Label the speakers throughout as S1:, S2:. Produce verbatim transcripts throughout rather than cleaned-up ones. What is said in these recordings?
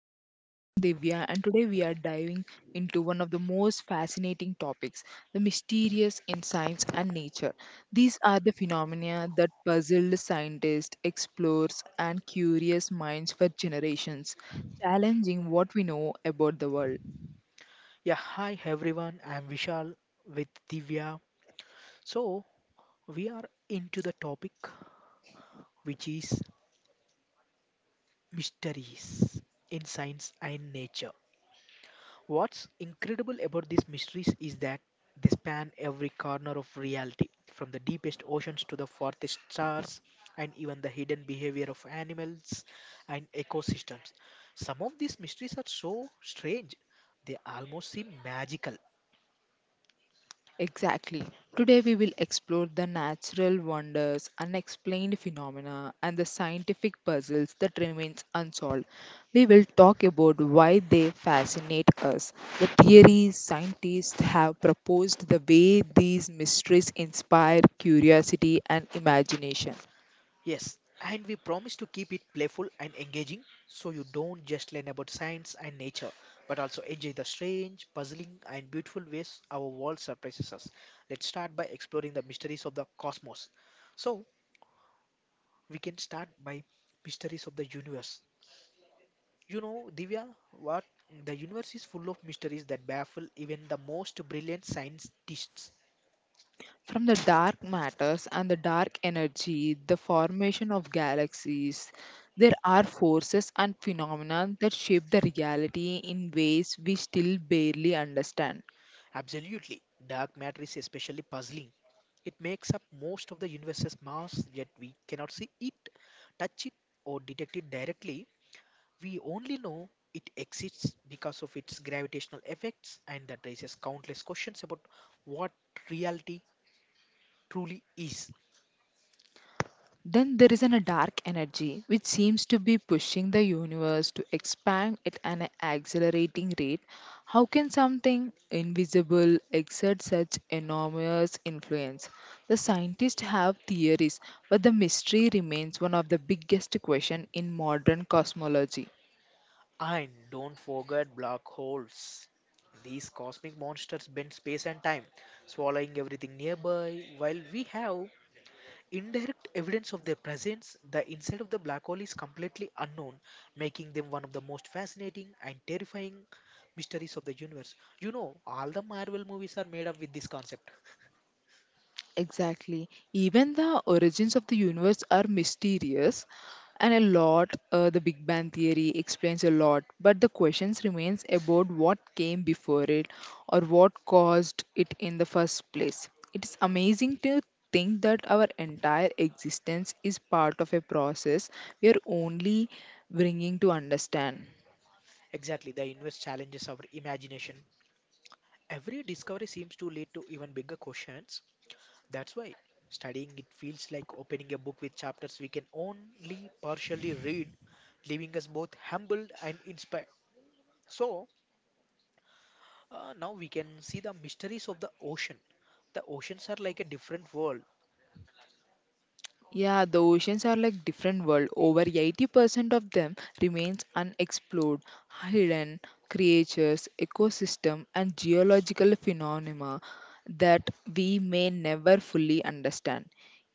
S1: podcast. I'm Divya, and today we are diving into one of the most fascinating topics: the mysterious in science and nature. These are the phenomena that puzzled scientists, explorers, and curious minds for generations, challenging what we know about the world.
S2: Yeah, hi everyone. I'm Vishal with Divya. So, we are into the topic which is mysteries in science and nature. What's incredible about these mysteries is that they span every corner of reality, from the deepest oceans to the farthest stars, and even the hidden behavior of animals and ecosystems. Some of these mysteries are so strange, they almost seem magical.
S1: Exactly. Today we will explore the natural wonders, unexplained phenomena, and the scientific puzzles that remains unsolved. We will talk about why they fascinate us, the theories scientists have proposed, the way these mysteries inspire curiosity and imagination.
S2: Yes, and we promise to keep it playful and engaging so you don't just learn about science and nature but also enjoy the strange, puzzling, and beautiful ways our world surprises us. Let's start by exploring the mysteries of the cosmos. So, we can start by mysteries of the universe. You know, Divya, what the universe is full of mysteries that baffle even the most brilliant scientists.
S1: From the dark matters and the dark energy, the formation of galaxies, there are forces and phenomena that shape the reality in ways we still barely understand.
S2: Absolutely, dark matter is especially puzzling. It makes up most of the universe's mass, yet we cannot see it, touch it, or detect it directly. We only know it exists because of its gravitational effects, and that raises countless questions about what reality truly is.
S1: Then there is an, a dark energy which seems to be pushing the universe to expand at an accelerating rate. How can something invisible exert such enormous influence? The scientists have theories, but the mystery remains one of the biggest questions in modern cosmology.
S2: And don't forget black holes. These cosmic monsters bend space and time, swallowing everything nearby, while we have indirect evidence of their presence. The inside of the black hole is completely unknown, making them one of the most fascinating and terrifying mysteries of the universe. You know, all the Marvel movies are made up with this concept.
S1: Exactly. Even the origins of the universe are mysterious, and a lot, uh, the Big Bang Theory explains a lot, but the questions remains about what came before it or what caused it in the first place. It is amazing to think that our entire existence is part of a process we are only bringing to understand.
S2: Exactly, the universe challenges our imagination. Every discovery seems to lead to even bigger questions. That's why studying it feels like opening a book with chapters we can only partially read, leaving us both humbled and inspired. So, Uh, now we can see the mysteries of the ocean. The oceans are like a different world.
S1: Yeah, the oceans are like different world. Over eighty percent of them remains unexplored, hidden creatures, ecosystem and geological phenomena that we may never fully understand.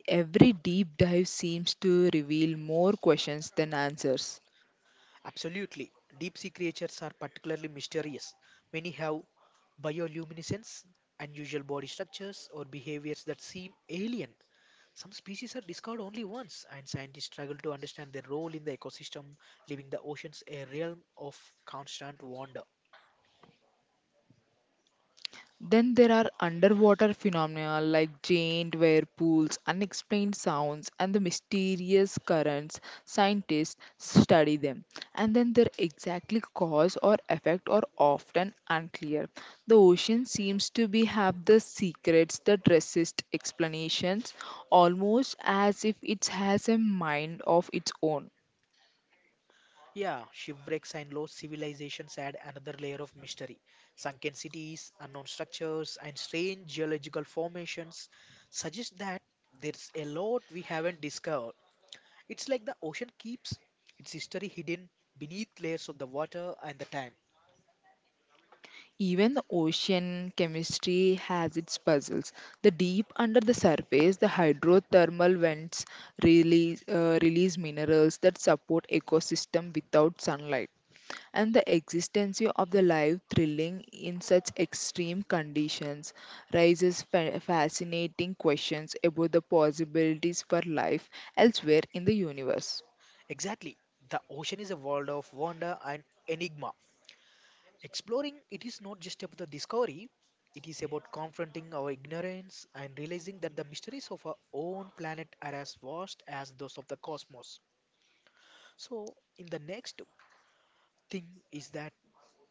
S1: Every deep dive seems to reveal more questions than answers.
S2: Absolutely. Deep sea creatures are particularly mysterious. Many have bioluminescence, unusual body structures, or behaviors that seem alien. Some species are discovered only once, and scientists struggle to understand their role in the ecosystem, leaving the oceans a realm of constant wonder.
S1: Then there are underwater phenomena like giant whirlpools, unexplained sounds, and the mysterious currents. Scientists study them, and then their exactly cause or effect are often unclear. The ocean seems to be have the secrets that resist explanations, almost as if it has a mind of its own.
S2: Yeah, shipwrecks and lost civilizations add another layer of mystery. Sunken cities, unknown structures, and strange geological formations suggest that there's a lot we haven't discovered. It's like the ocean keeps its history hidden beneath layers of the water and the time.
S1: Even the ocean chemistry has its puzzles. The deep under the surface, the hydrothermal vents release, uh, release minerals that support ecosystem without sunlight. And the existence of the life thrilling in such extreme conditions raises fa- fascinating questions about the possibilities for life elsewhere in the universe.
S2: Exactly. The ocean is a world of wonder and enigma. Exploring it is not just about the discovery, it is about confronting our ignorance and realizing that the mysteries of our own planet are as vast as those of the cosmos. So, in the next thing is that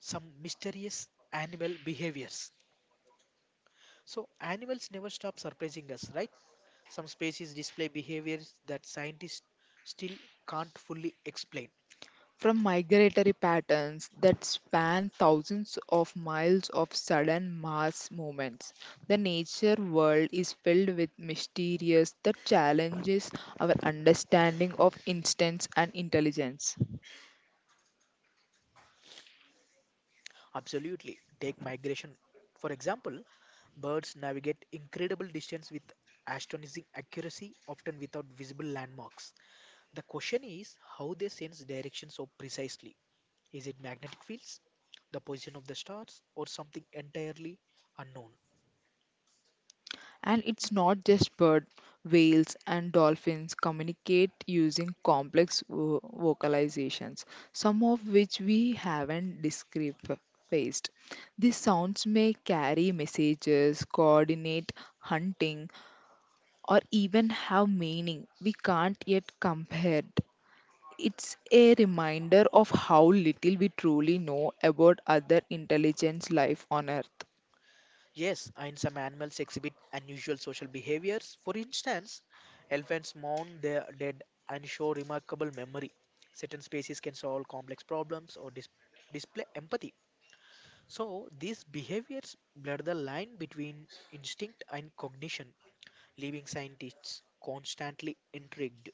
S2: some mysterious animal behaviors. So, animals never stop surprising us, right? Some species display behaviors that scientists still can't fully explain.
S1: From migratory patterns that span thousands of miles of sudden mass movements. The nature world is filled with mysteries that challenges our understanding of instance and intelligence.
S2: Absolutely. Take migration. For example, birds navigate incredible distance with astonishing accuracy, often without visible landmarks. The question is how they sense direction so precisely. Is it magnetic fields, the position of the stars, or something entirely unknown?
S1: And it's not just birds, whales, and dolphins communicate using complex vo- vocalizations, some of which we haven't discrepanized. These sounds may carry messages, coordinate hunting, or even have meaning we can't yet compare. It's a reminder of how little we truly know about other intelligence life on Earth.
S2: Yes, and some animals exhibit unusual social behaviors. For instance, elephants mourn their dead and show remarkable memory. Certain species can solve complex problems or dis- display empathy. So, these behaviors blur the line between instinct and cognition, leaving scientists constantly intrigued.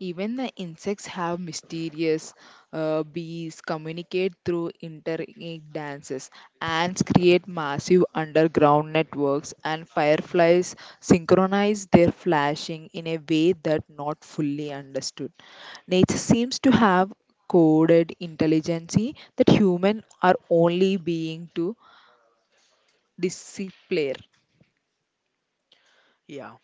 S1: Even the insects have mysterious. Uh, bees communicate through interlinked dances. Ants create massive underground networks, and fireflies synchronize their flashing in a way that not fully understood. Nature seems to have coded intelligence that humans are only being to display.
S2: Yeah,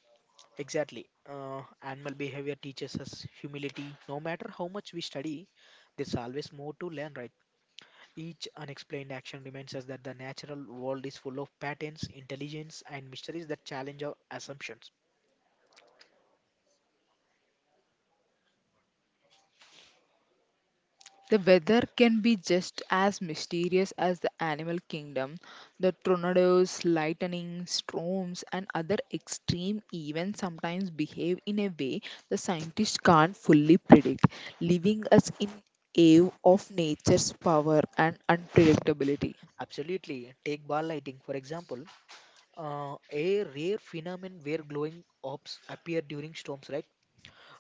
S2: exactly. Uh, animal behavior teaches us humility. No matter how much we study, there's always more to learn, right? Each unexplained action reminds us that the natural world is full of patterns, intelligence, and mysteries that challenge our assumptions.
S1: The weather can be just as mysterious as the animal kingdom. The tornadoes, lightning, storms, and other extreme events sometimes behave in a way the scientists can't fully predict, leaving us in awe of nature's power and unpredictability.
S2: Absolutely. Take bar lighting, for example. Uh, a rare phenomenon where glowing orbs appear during storms, right?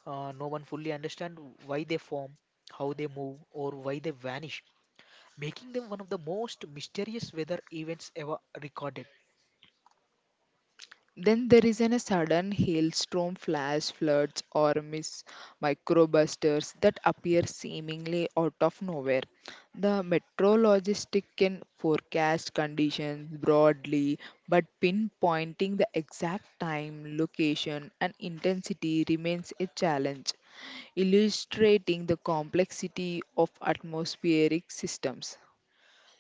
S2: uh, No one fully understand why they form, how they move, or why they vanish, making them one of the most mysterious weather events ever recorded.
S1: Then there is an, a sudden hailstorm, flash floods, or mis- microbusters that appear seemingly out of nowhere. The meteorologist can forecast conditions broadly, but pinpointing the exact time, location, and intensity remains a challenge, illustrating the complexity of atmospheric systems.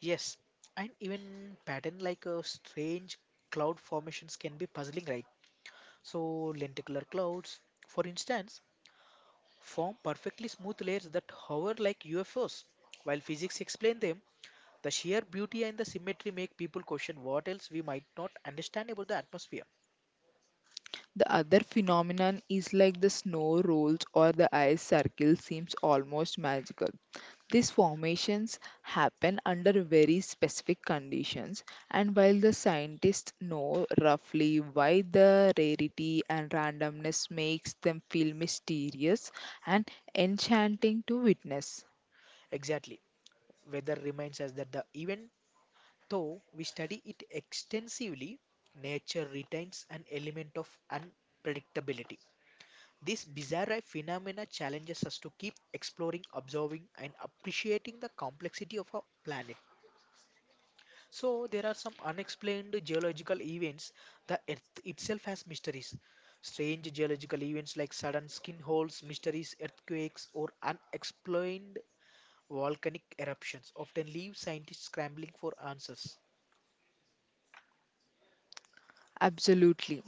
S2: Yes, and even pattern like uh, strange cloud formations can be puzzling, right? So lenticular clouds, for instance, form perfectly smooth layers that hover like U F Os. While physics explain them, the sheer beauty and the symmetry make people question what else we might not understand about the atmosphere.
S1: The other phenomenon is like the snow rolls or the ice circle seems almost magical. These formations happen under very specific conditions, and while the scientists know roughly why the rarity and randomness makes them feel mysterious and enchanting to witness,
S2: Exactly. Weather remains as that the event. Though we study it extensively, nature retains an element of unpredictability. This bizarre phenomena challenges us to keep exploring, observing, and appreciating the complexity of our planet. So, there are some unexplained geological events. The Earth itself has mysteries. Strange geological events like sudden skin holes, mysteries, earthquakes, or unexplained volcanic eruptions often leave scientists scrambling for answers.
S1: absolutely.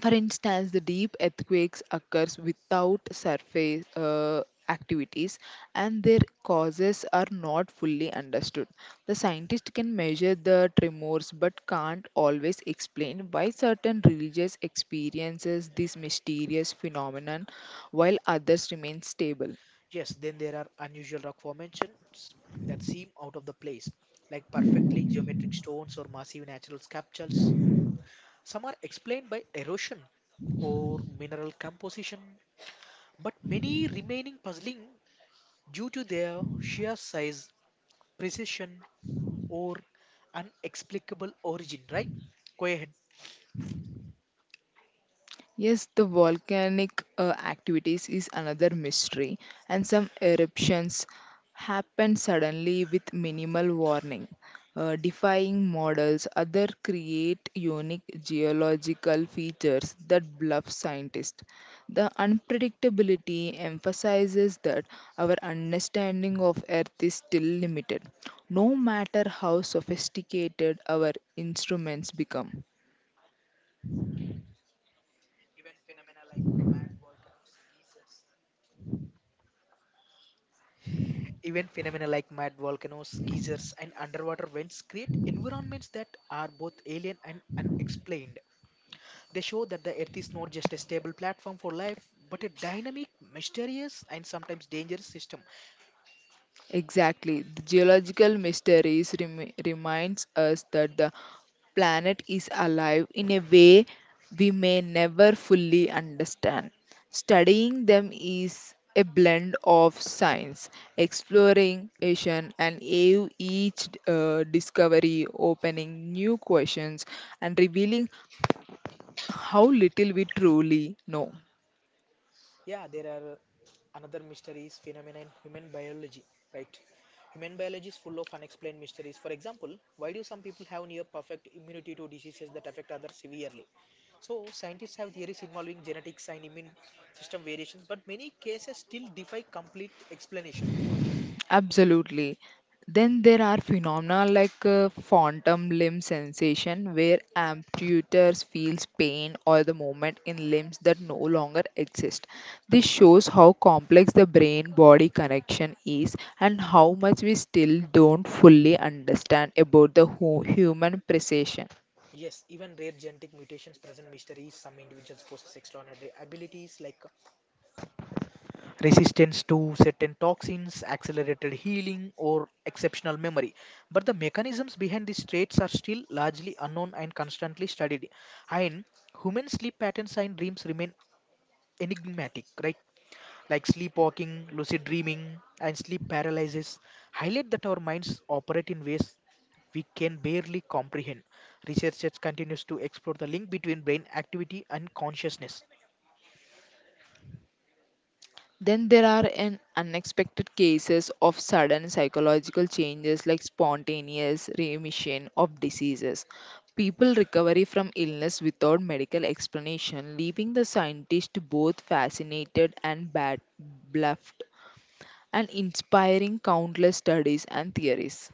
S1: For instance, the deep earthquakes occurs without surface uh, activities and their causes are not fully understood. The scientist can measure the tremors but can't always explain why certain religious experiences this mysterious phenomenon while others remain stable.
S2: Yes, then there are unusual rock formations that seem out of the place, like perfectly geometric stones or massive natural sculptures. Some are explained by erosion or mineral composition, but many remaining puzzling due to their sheer size, precision, or unexplicable origin, right? Go ahead.
S1: Yes, the volcanic uh, activities is another mystery, and some eruptions happen suddenly with minimal warning, uh, defying models. Other create unique geological features that bluff scientists. The unpredictability emphasizes that our understanding of Earth is still limited, no matter how sophisticated our instruments become.
S2: Even phenomena like mad volcanoes, geysers, and underwater vents create environments that are both alien and unexplained. They show that the Earth is not just a stable platform for life, but a dynamic, mysterious, and sometimes dangerous system.
S1: Exactly. The geological mysteries remi- reminds us that the planet is alive in a way we may never fully understand. Studying them is a blend of science, exploring, exploration, and ev- each uh, discovery opening new questions and revealing how little we truly know.
S2: Yeah, there are uh, another mysteries, phenomena in human biology, right? Human biology is full of unexplained mysteries. For example, why do some people have near perfect immunity to diseases that affect others severely? So scientists have theories involving genetics and immune system variations, but many cases still defy complete explanation.
S1: Absolutely. Then there are phenomena like uh, phantom limb sensation, where amputators feels pain or the movement in limbs that no longer exist. This shows how complex the brain-body connection is and how much we still don't fully understand about the hu- human precision.
S2: Yes, even rare genetic mutations present mysteries. Some individuals possess extraordinary abilities like resistance to certain toxins, accelerated healing, or exceptional memory. But the mechanisms behind these traits are still largely unknown and constantly studied. And human sleep patterns and dreams remain enigmatic, right? Like sleepwalking, lucid dreaming, and sleep paralysis highlight that our minds operate in ways we can barely comprehend. Research continues to explore the link between brain activity and consciousness.
S1: Then there are an unexpected cases of sudden psychological changes like spontaneous remission of diseases. People recovery from illness without medical explanation, leaving the scientist both fascinated and ba- bluffed and inspiring countless studies and theories.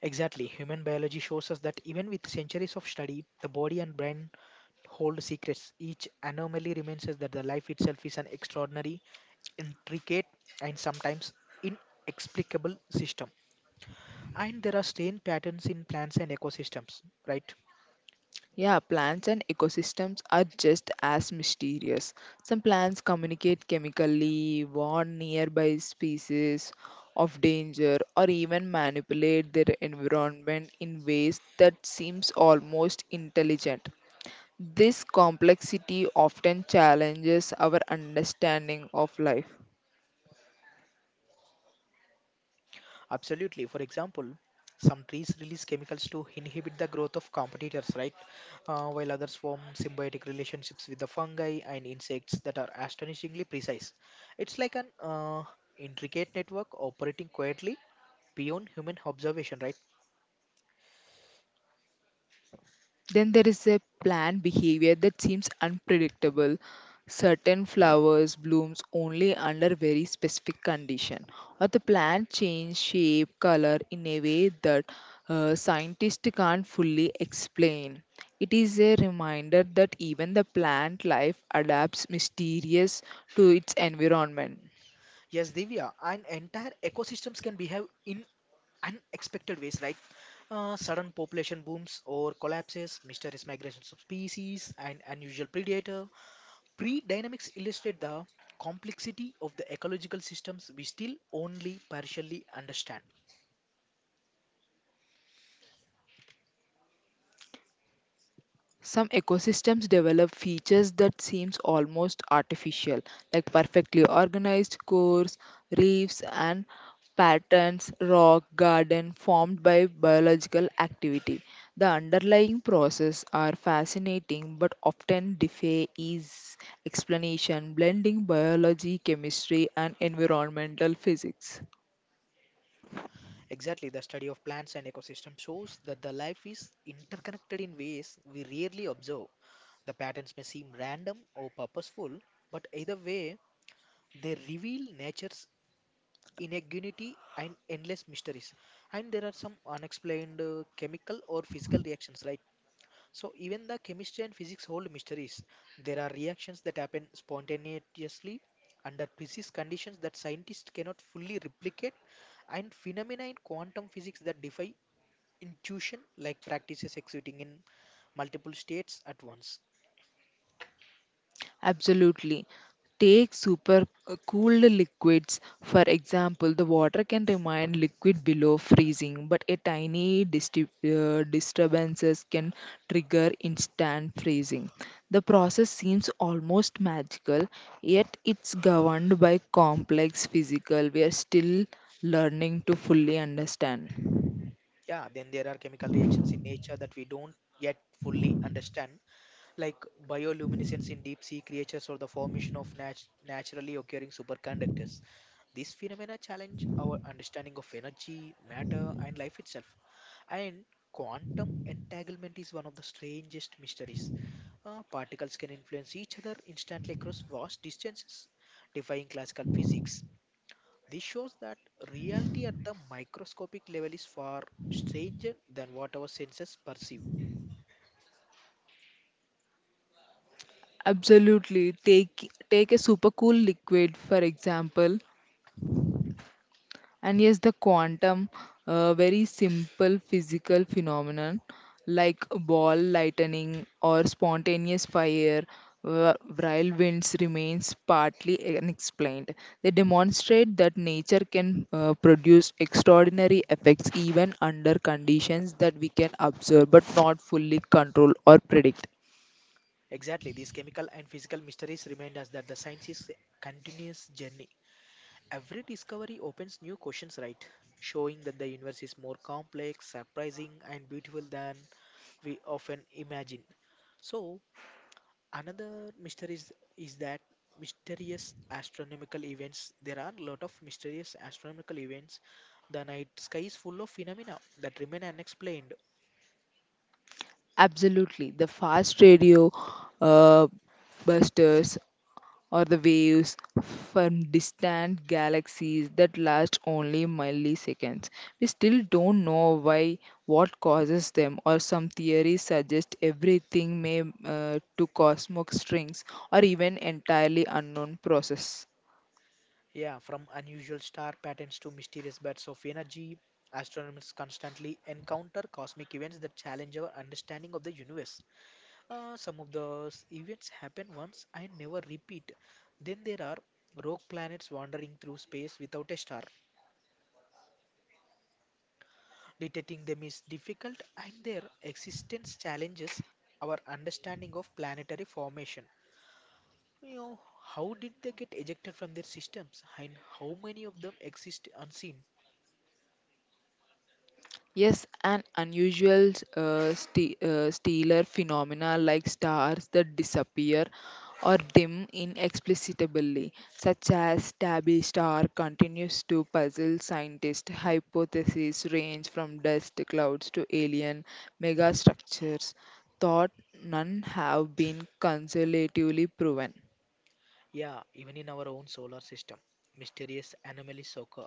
S2: Exactly. Human biology shows us that even with centuries of study, the body and brain hold secrets. Each anomaly reminds us that the life itself is an extraordinary, intricate, and sometimes inexplicable system. And there are strange patterns in plants and ecosystems, right?
S1: Yeah, plants and ecosystems are just as mysterious. Some plants communicate chemically, warn nearby species of danger, or even manipulate their environment in ways that seems almost intelligent. This complexity often challenges our understanding of life.
S2: Absolutely. For example, some trees release chemicals to inhibit the growth of competitors, right? Uh, while others form symbiotic relationships with the fungi and insects that are astonishingly precise. It's like an uh, intricate network operating quietly beyond human observation, right?
S1: Then there is a plant behavior that seems unpredictable. Certain flowers blooms only under very specific condition, or the plant change shape, color in a way that uh, scientists can't fully explain. It is a reminder that even the plant life adapts mysterious to its environment.
S2: Yes, Divya, and entire ecosystems can behave in unexpected ways, right? Uh, sudden population booms or collapses, mysterious migrations of species, and unusual predator pre dynamics illustrate the complexity of the ecological systems we still only partially understand.
S1: Some ecosystems develop features that seems almost artificial, like perfectly organized cores, reefs, and patterns, rock garden formed by biological activity. The underlying process are fascinating but often defy ease explanation, blending biology, chemistry, and environmental physics.
S2: Exactly, the study of plants and ecosystems shows that the life is interconnected in ways we rarely observe. The patterns may seem random or purposeful, but either way, they reveal nature's inequity and endless mysteries. And there are some unexplained uh, chemical or physical reactions like. So even the chemistry and physics hold mysteries. There are reactions that happen spontaneously under physics conditions that scientists cannot fully replicate, and phenomena in quantum physics that defy intuition, like practices executing in multiple states at once.
S1: Absolutely. Take super uh, cooled liquids. For example, the water can remain liquid below freezing, but a tiny disti- uh, disturbances can trigger instant freezing. The process seems almost magical, yet it's governed by complex physical. We are still learning to fully understand.
S2: Yeah, then there are chemical reactions in nature that we don't yet fully understand, like bioluminescence in deep sea creatures or the formation of nat- naturally occurring superconductors. These phenomena challenge our understanding of energy, matter, and life itself. And quantum entanglement is one of the strangest mysteries. Uh, particles can influence each other instantly across vast distances, defying classical physics. This shows that reality at the microscopic level is far stranger than what our senses perceive.
S1: Absolutely. Take take a super cool liquid, for example. And yes, the quantum, uh, very simple physical phenomenon like ball lightning or spontaneous fire, wh- while winds remains partly unexplained. They demonstrate that nature can uh, produce extraordinary effects even under conditions that we can observe but not fully control or predict.
S2: Exactly, these chemical and physical mysteries remind us that the science is a continuous journey. Every discovery opens new questions, right? Showing that the universe is more complex, surprising, and beautiful than we often imagine. So, another mystery is, is that mysterious astronomical events. There are a lot of mysterious astronomical events. The night sky is full of phenomena that remain unexplained.
S1: Absolutely, the fast radio uh, busters or the waves from distant galaxies that last only milliseconds. We still don't know why, what causes them, or some theories suggest everything may uh, to cosmic strings or even entirely unknown process.
S2: Yeah, from unusual star patterns to mysterious bursts of energy, astronomers constantly encounter cosmic events that challenge our understanding of the universe. Uh, some of those events happen once and never repeat. Then there are rogue planets wandering through space without a star. Detecting them is difficult, and their existence challenges our understanding of planetary formation. You know, how did they get ejected from their systems, and how many of them exist unseen?
S1: Yes, an unusual uh, st- uh, stellar phenomena like stars that disappear or dim inexplicably, such as Tabby star, continues to puzzle scientists. Hypotheses range from dust clouds to alien megastructures, thought none have been conservatively proven.
S2: Yeah, even in our own solar system, mysterious anomalies occur.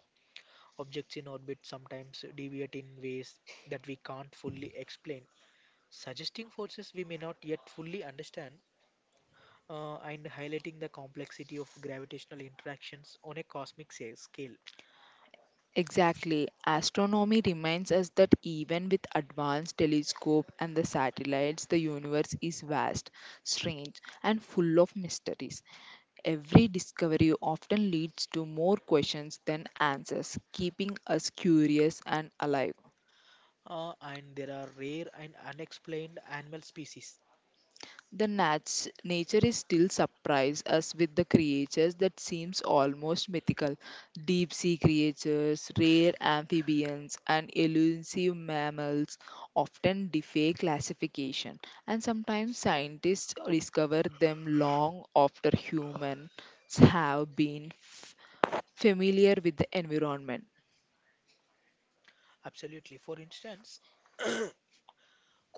S2: Objects in orbit sometimes deviate in ways that we can't fully explain, suggesting forces we may not yet fully understand, uh, and highlighting the complexity of gravitational interactions on a cosmic sa- scale.
S1: Exactly. Astronomy reminds us that even with advanced telescope and the satellites, the universe is vast, strange, and full of mysteries. Every discovery often leads to more questions than answers, keeping us curious and alive.
S2: Uh, and there are rare and unexplained animal species.
S1: The nats, nature is still surprise us with the creatures that seems almost mythical. Deep sea creatures, rare amphibians and elusive mammals often defy classification and sometimes scientists discover them long after humans have been f- familiar with the environment.
S2: Absolutely. For instance,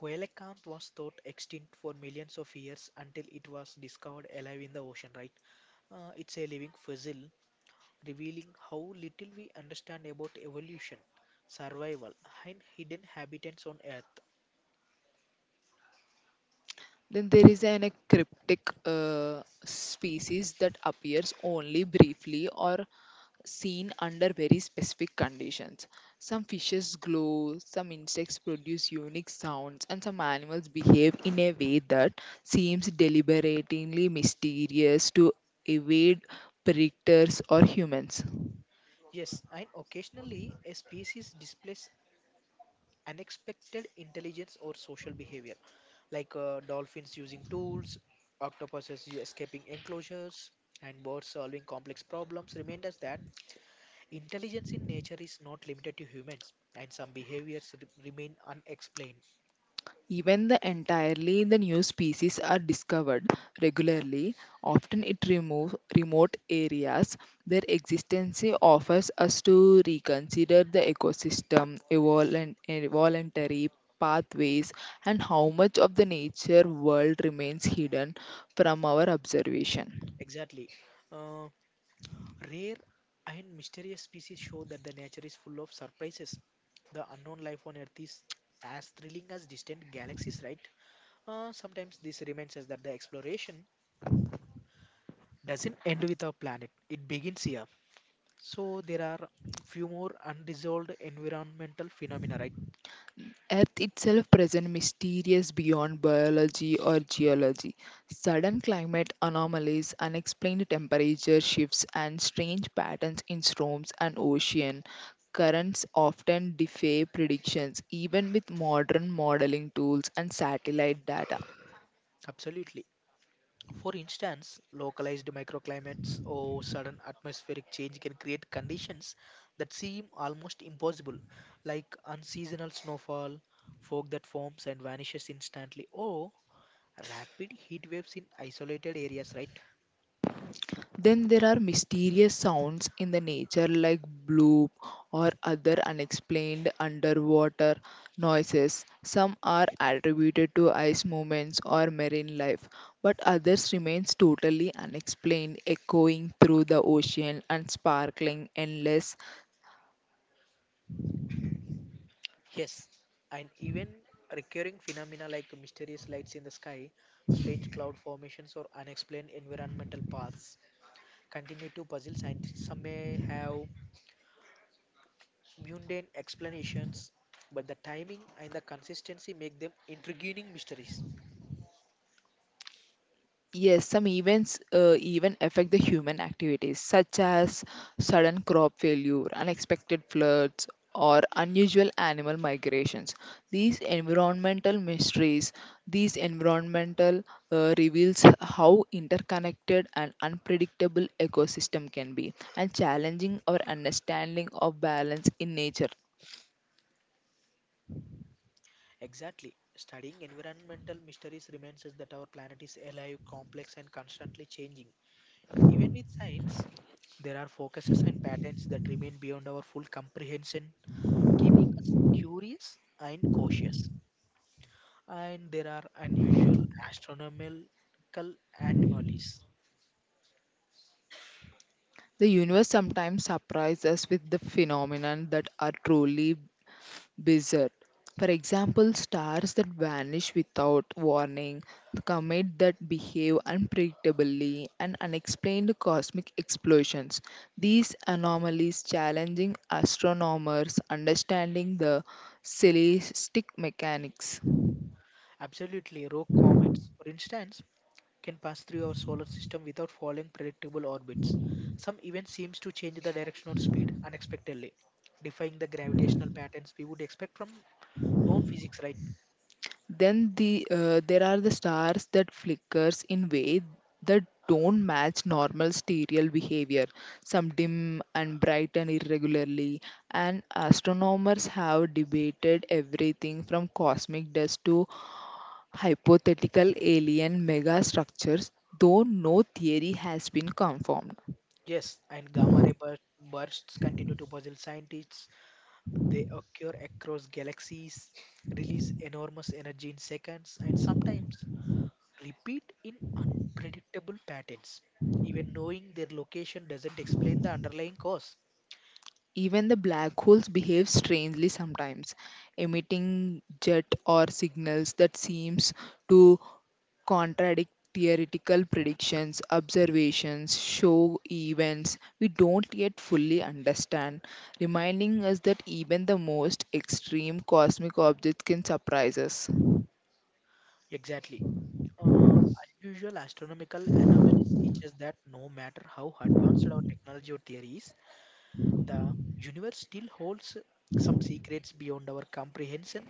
S2: coelacanth was thought extinct for millions of years until it was discovered alive in the ocean, right? Uh, it's a living fossil, revealing how little we understand about evolution, survival, and hidden habitats on Earth.
S1: Then there is an cryptic uh, species that appears only briefly or seen under very specific conditions. Some fishes glow, some insects produce unique sounds, and some animals behave in a way that seems deliberately mysterious to evade predators or humans.
S2: Yes, and occasionally a species displays unexpected intelligence or social behavior, like uh, dolphins using tools, octopuses u- escaping enclosures, and birds solving complex problems. Remind us that intelligence in nature is not limited to humans, and some behaviors re- remain unexplained.
S1: Even the entirely the new species are discovered regularly, often in remove, remote areas. Their existence offers us to reconsider the ecosystem, evolent, evolutionary pathways, and how much of the nature world remains hidden from our observation.
S2: Exactly. Uh, rare and mysterious species show that the nature is full of surprises. The unknown life on Earth is as thrilling as distant galaxies, right? Uh, sometimes this reminds us that the exploration doesn't end with our planet, it begins here. So there are few more unresolved environmental phenomena, right?
S1: Earth itself present mysterious beyond biology or geology. Sudden climate anomalies, unexplained temperature shifts, and strange patterns in storms and ocean currents often defy predictions, even with modern modeling tools and satellite data.
S2: Absolutely. For instance, localized microclimates or sudden atmospheric change can create conditions that seem almost impossible, like unseasonal snowfall, fog that forms and vanishes instantly, or rapid heat waves in isolated areas, right?
S1: Then there are mysterious sounds in the nature like bloop or other unexplained underwater noises. Some are attributed to ice movements or marine life, but others remains totally unexplained, echoing through the ocean and sparkling endless.
S2: Yes, and even recurring phenomena like mysterious lights in the sky, strange cloud formations, or unexplained environmental paths continue to puzzle scientists. Some may have mundane explanations, but the timing and the consistency make them intriguing mysteries.
S1: Yes, some events uh, even affect the human activities, such as sudden crop failure, unexpected floods, or unusual animal migrations. These environmental mysteries, these environmental uh, reveals how interconnected and unpredictable ecosystem can be, and challenging our understanding of balance in nature.
S2: Exactly. Studying environmental mysteries reminds us that our planet is alive, complex, and constantly changing. Even with science, there are focuses and patterns that remain beyond our full comprehension, keeping us curious and cautious. And there are unusual astronomical anomalies.
S1: The universe sometimes surprises us with the phenomenon that are truly bizarre. For example, stars that vanish without warning, comets that behave unpredictably, and unexplained cosmic explosions. These anomalies challenging astronomers understanding the celestial mechanics.
S2: Absolutely, rogue comets, for instance, can pass through our solar system without following predictable orbits. Some event seems to change the direction or speed unexpectedly, defying the gravitational patterns we would expect from known physics, right?
S1: Then the uh, there are the stars that flickers in way that don't match normal stereo behavior. Some dim and brighten irregularly, and astronomers have debated everything from cosmic dust to hypothetical alien megastructures, though no theory has been confirmed.
S2: Yes, and gamma ray bur- bursts continue to puzzle scientists. They occur across galaxies, release enormous energy in seconds, and sometimes repeat in unpredictable patterns. Even knowing their location doesn't explain the underlying cause.
S1: Even the black holes behave strangely sometimes, emitting jet or signals that seems to contradict theoretical predictions, observations, show events we don't yet fully understand, reminding us that even the most extreme cosmic objects can surprise us.
S2: Exactly. Uh, unusual astronomical anomalies teach us that no matter how advanced our technology or theory is, the universe still holds some secrets beyond our comprehension,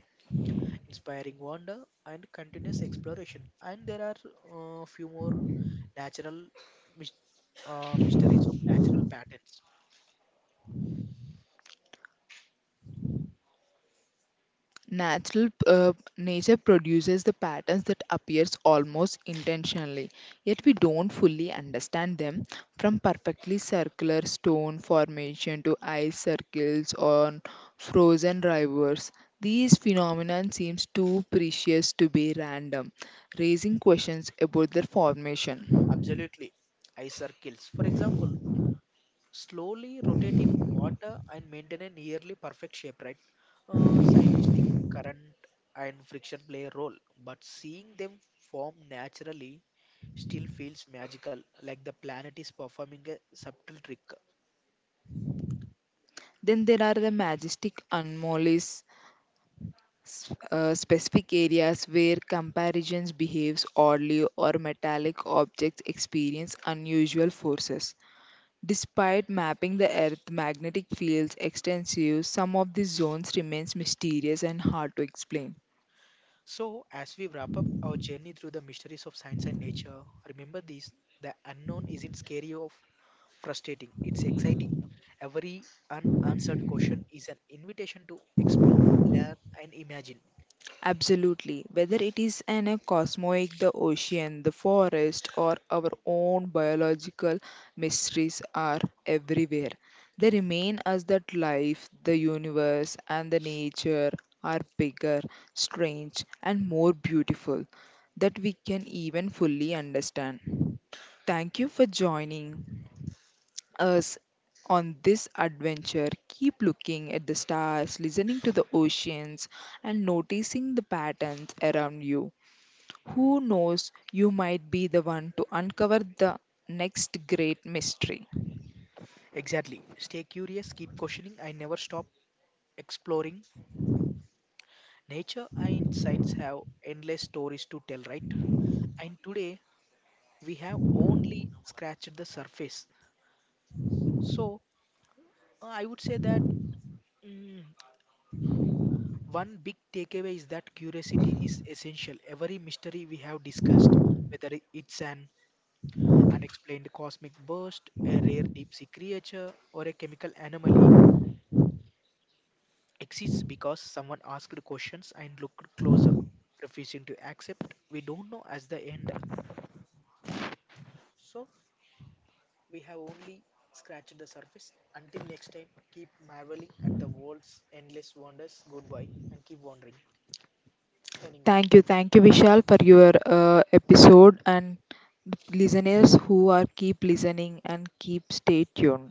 S2: inspiring wonder and continuous exploration. And there are uh, few more natural mys- uh, mysteries of natural patterns.
S1: Natural uh, Nature produces the patterns that appears almost intentionally, yet we don't fully understand them. From perfectly circular stone formation to ice circles on frozen rivers, these phenomena seems too precious to be random, raising questions about their formation.
S2: Absolutely. Ice circles, for example, slowly rotate in water and maintain a nearly perfect shape, right? Uh, scientific current and friction play a role, but seeing them form naturally still feels magical, like the planet is performing a subtle trick.
S1: Then there are the majestic anomalies s- uh, specific areas where comparisons behaves oddly or metallic objects experience unusual forces. Despite mapping the Earth's magnetic fields extensively, some of these zones remains mysterious and hard to explain.
S2: So, as we wrap up our journey through the mysteries of science and nature, remember this: the unknown isn't scary or frustrating, it's exciting. Every unanswered question is an invitation to explore, learn, and imagine.
S1: Absolutely. Whether it is an a cosmic, the ocean, the forest, or our own biological mysteries are everywhere. They remain as that life, the universe, and the nature are bigger, strange, and more beautiful that we can even fully understand. Thank you for joining us on this adventure, keep looking at the stars, listening to the oceans, and noticing the patterns around you. Who knows, you might be the one to uncover the next great mystery.
S2: Exactly. Stay curious, keep questioning, and never stop exploring. Nature and science have endless stories to tell, right? And today, we have only scratched the surface. So, uh, I would say that. mm, One big takeaway is that curiosity is essential. Every mystery we have discussed, whether it's an unexplained cosmic burst, a rare deep sea creature, or a chemical anomaly, exists because someone asked questions and looked closer, refusing to accept we don't know as the end. So, we have only scratched the surface. Until next time, keep marveling at the world's endless wonders. Goodbye and keep wondering. Signing off.
S1: Thank you, thank you, Vishal, for your uh, episode and listeners who are keep listening and keep stay tuned.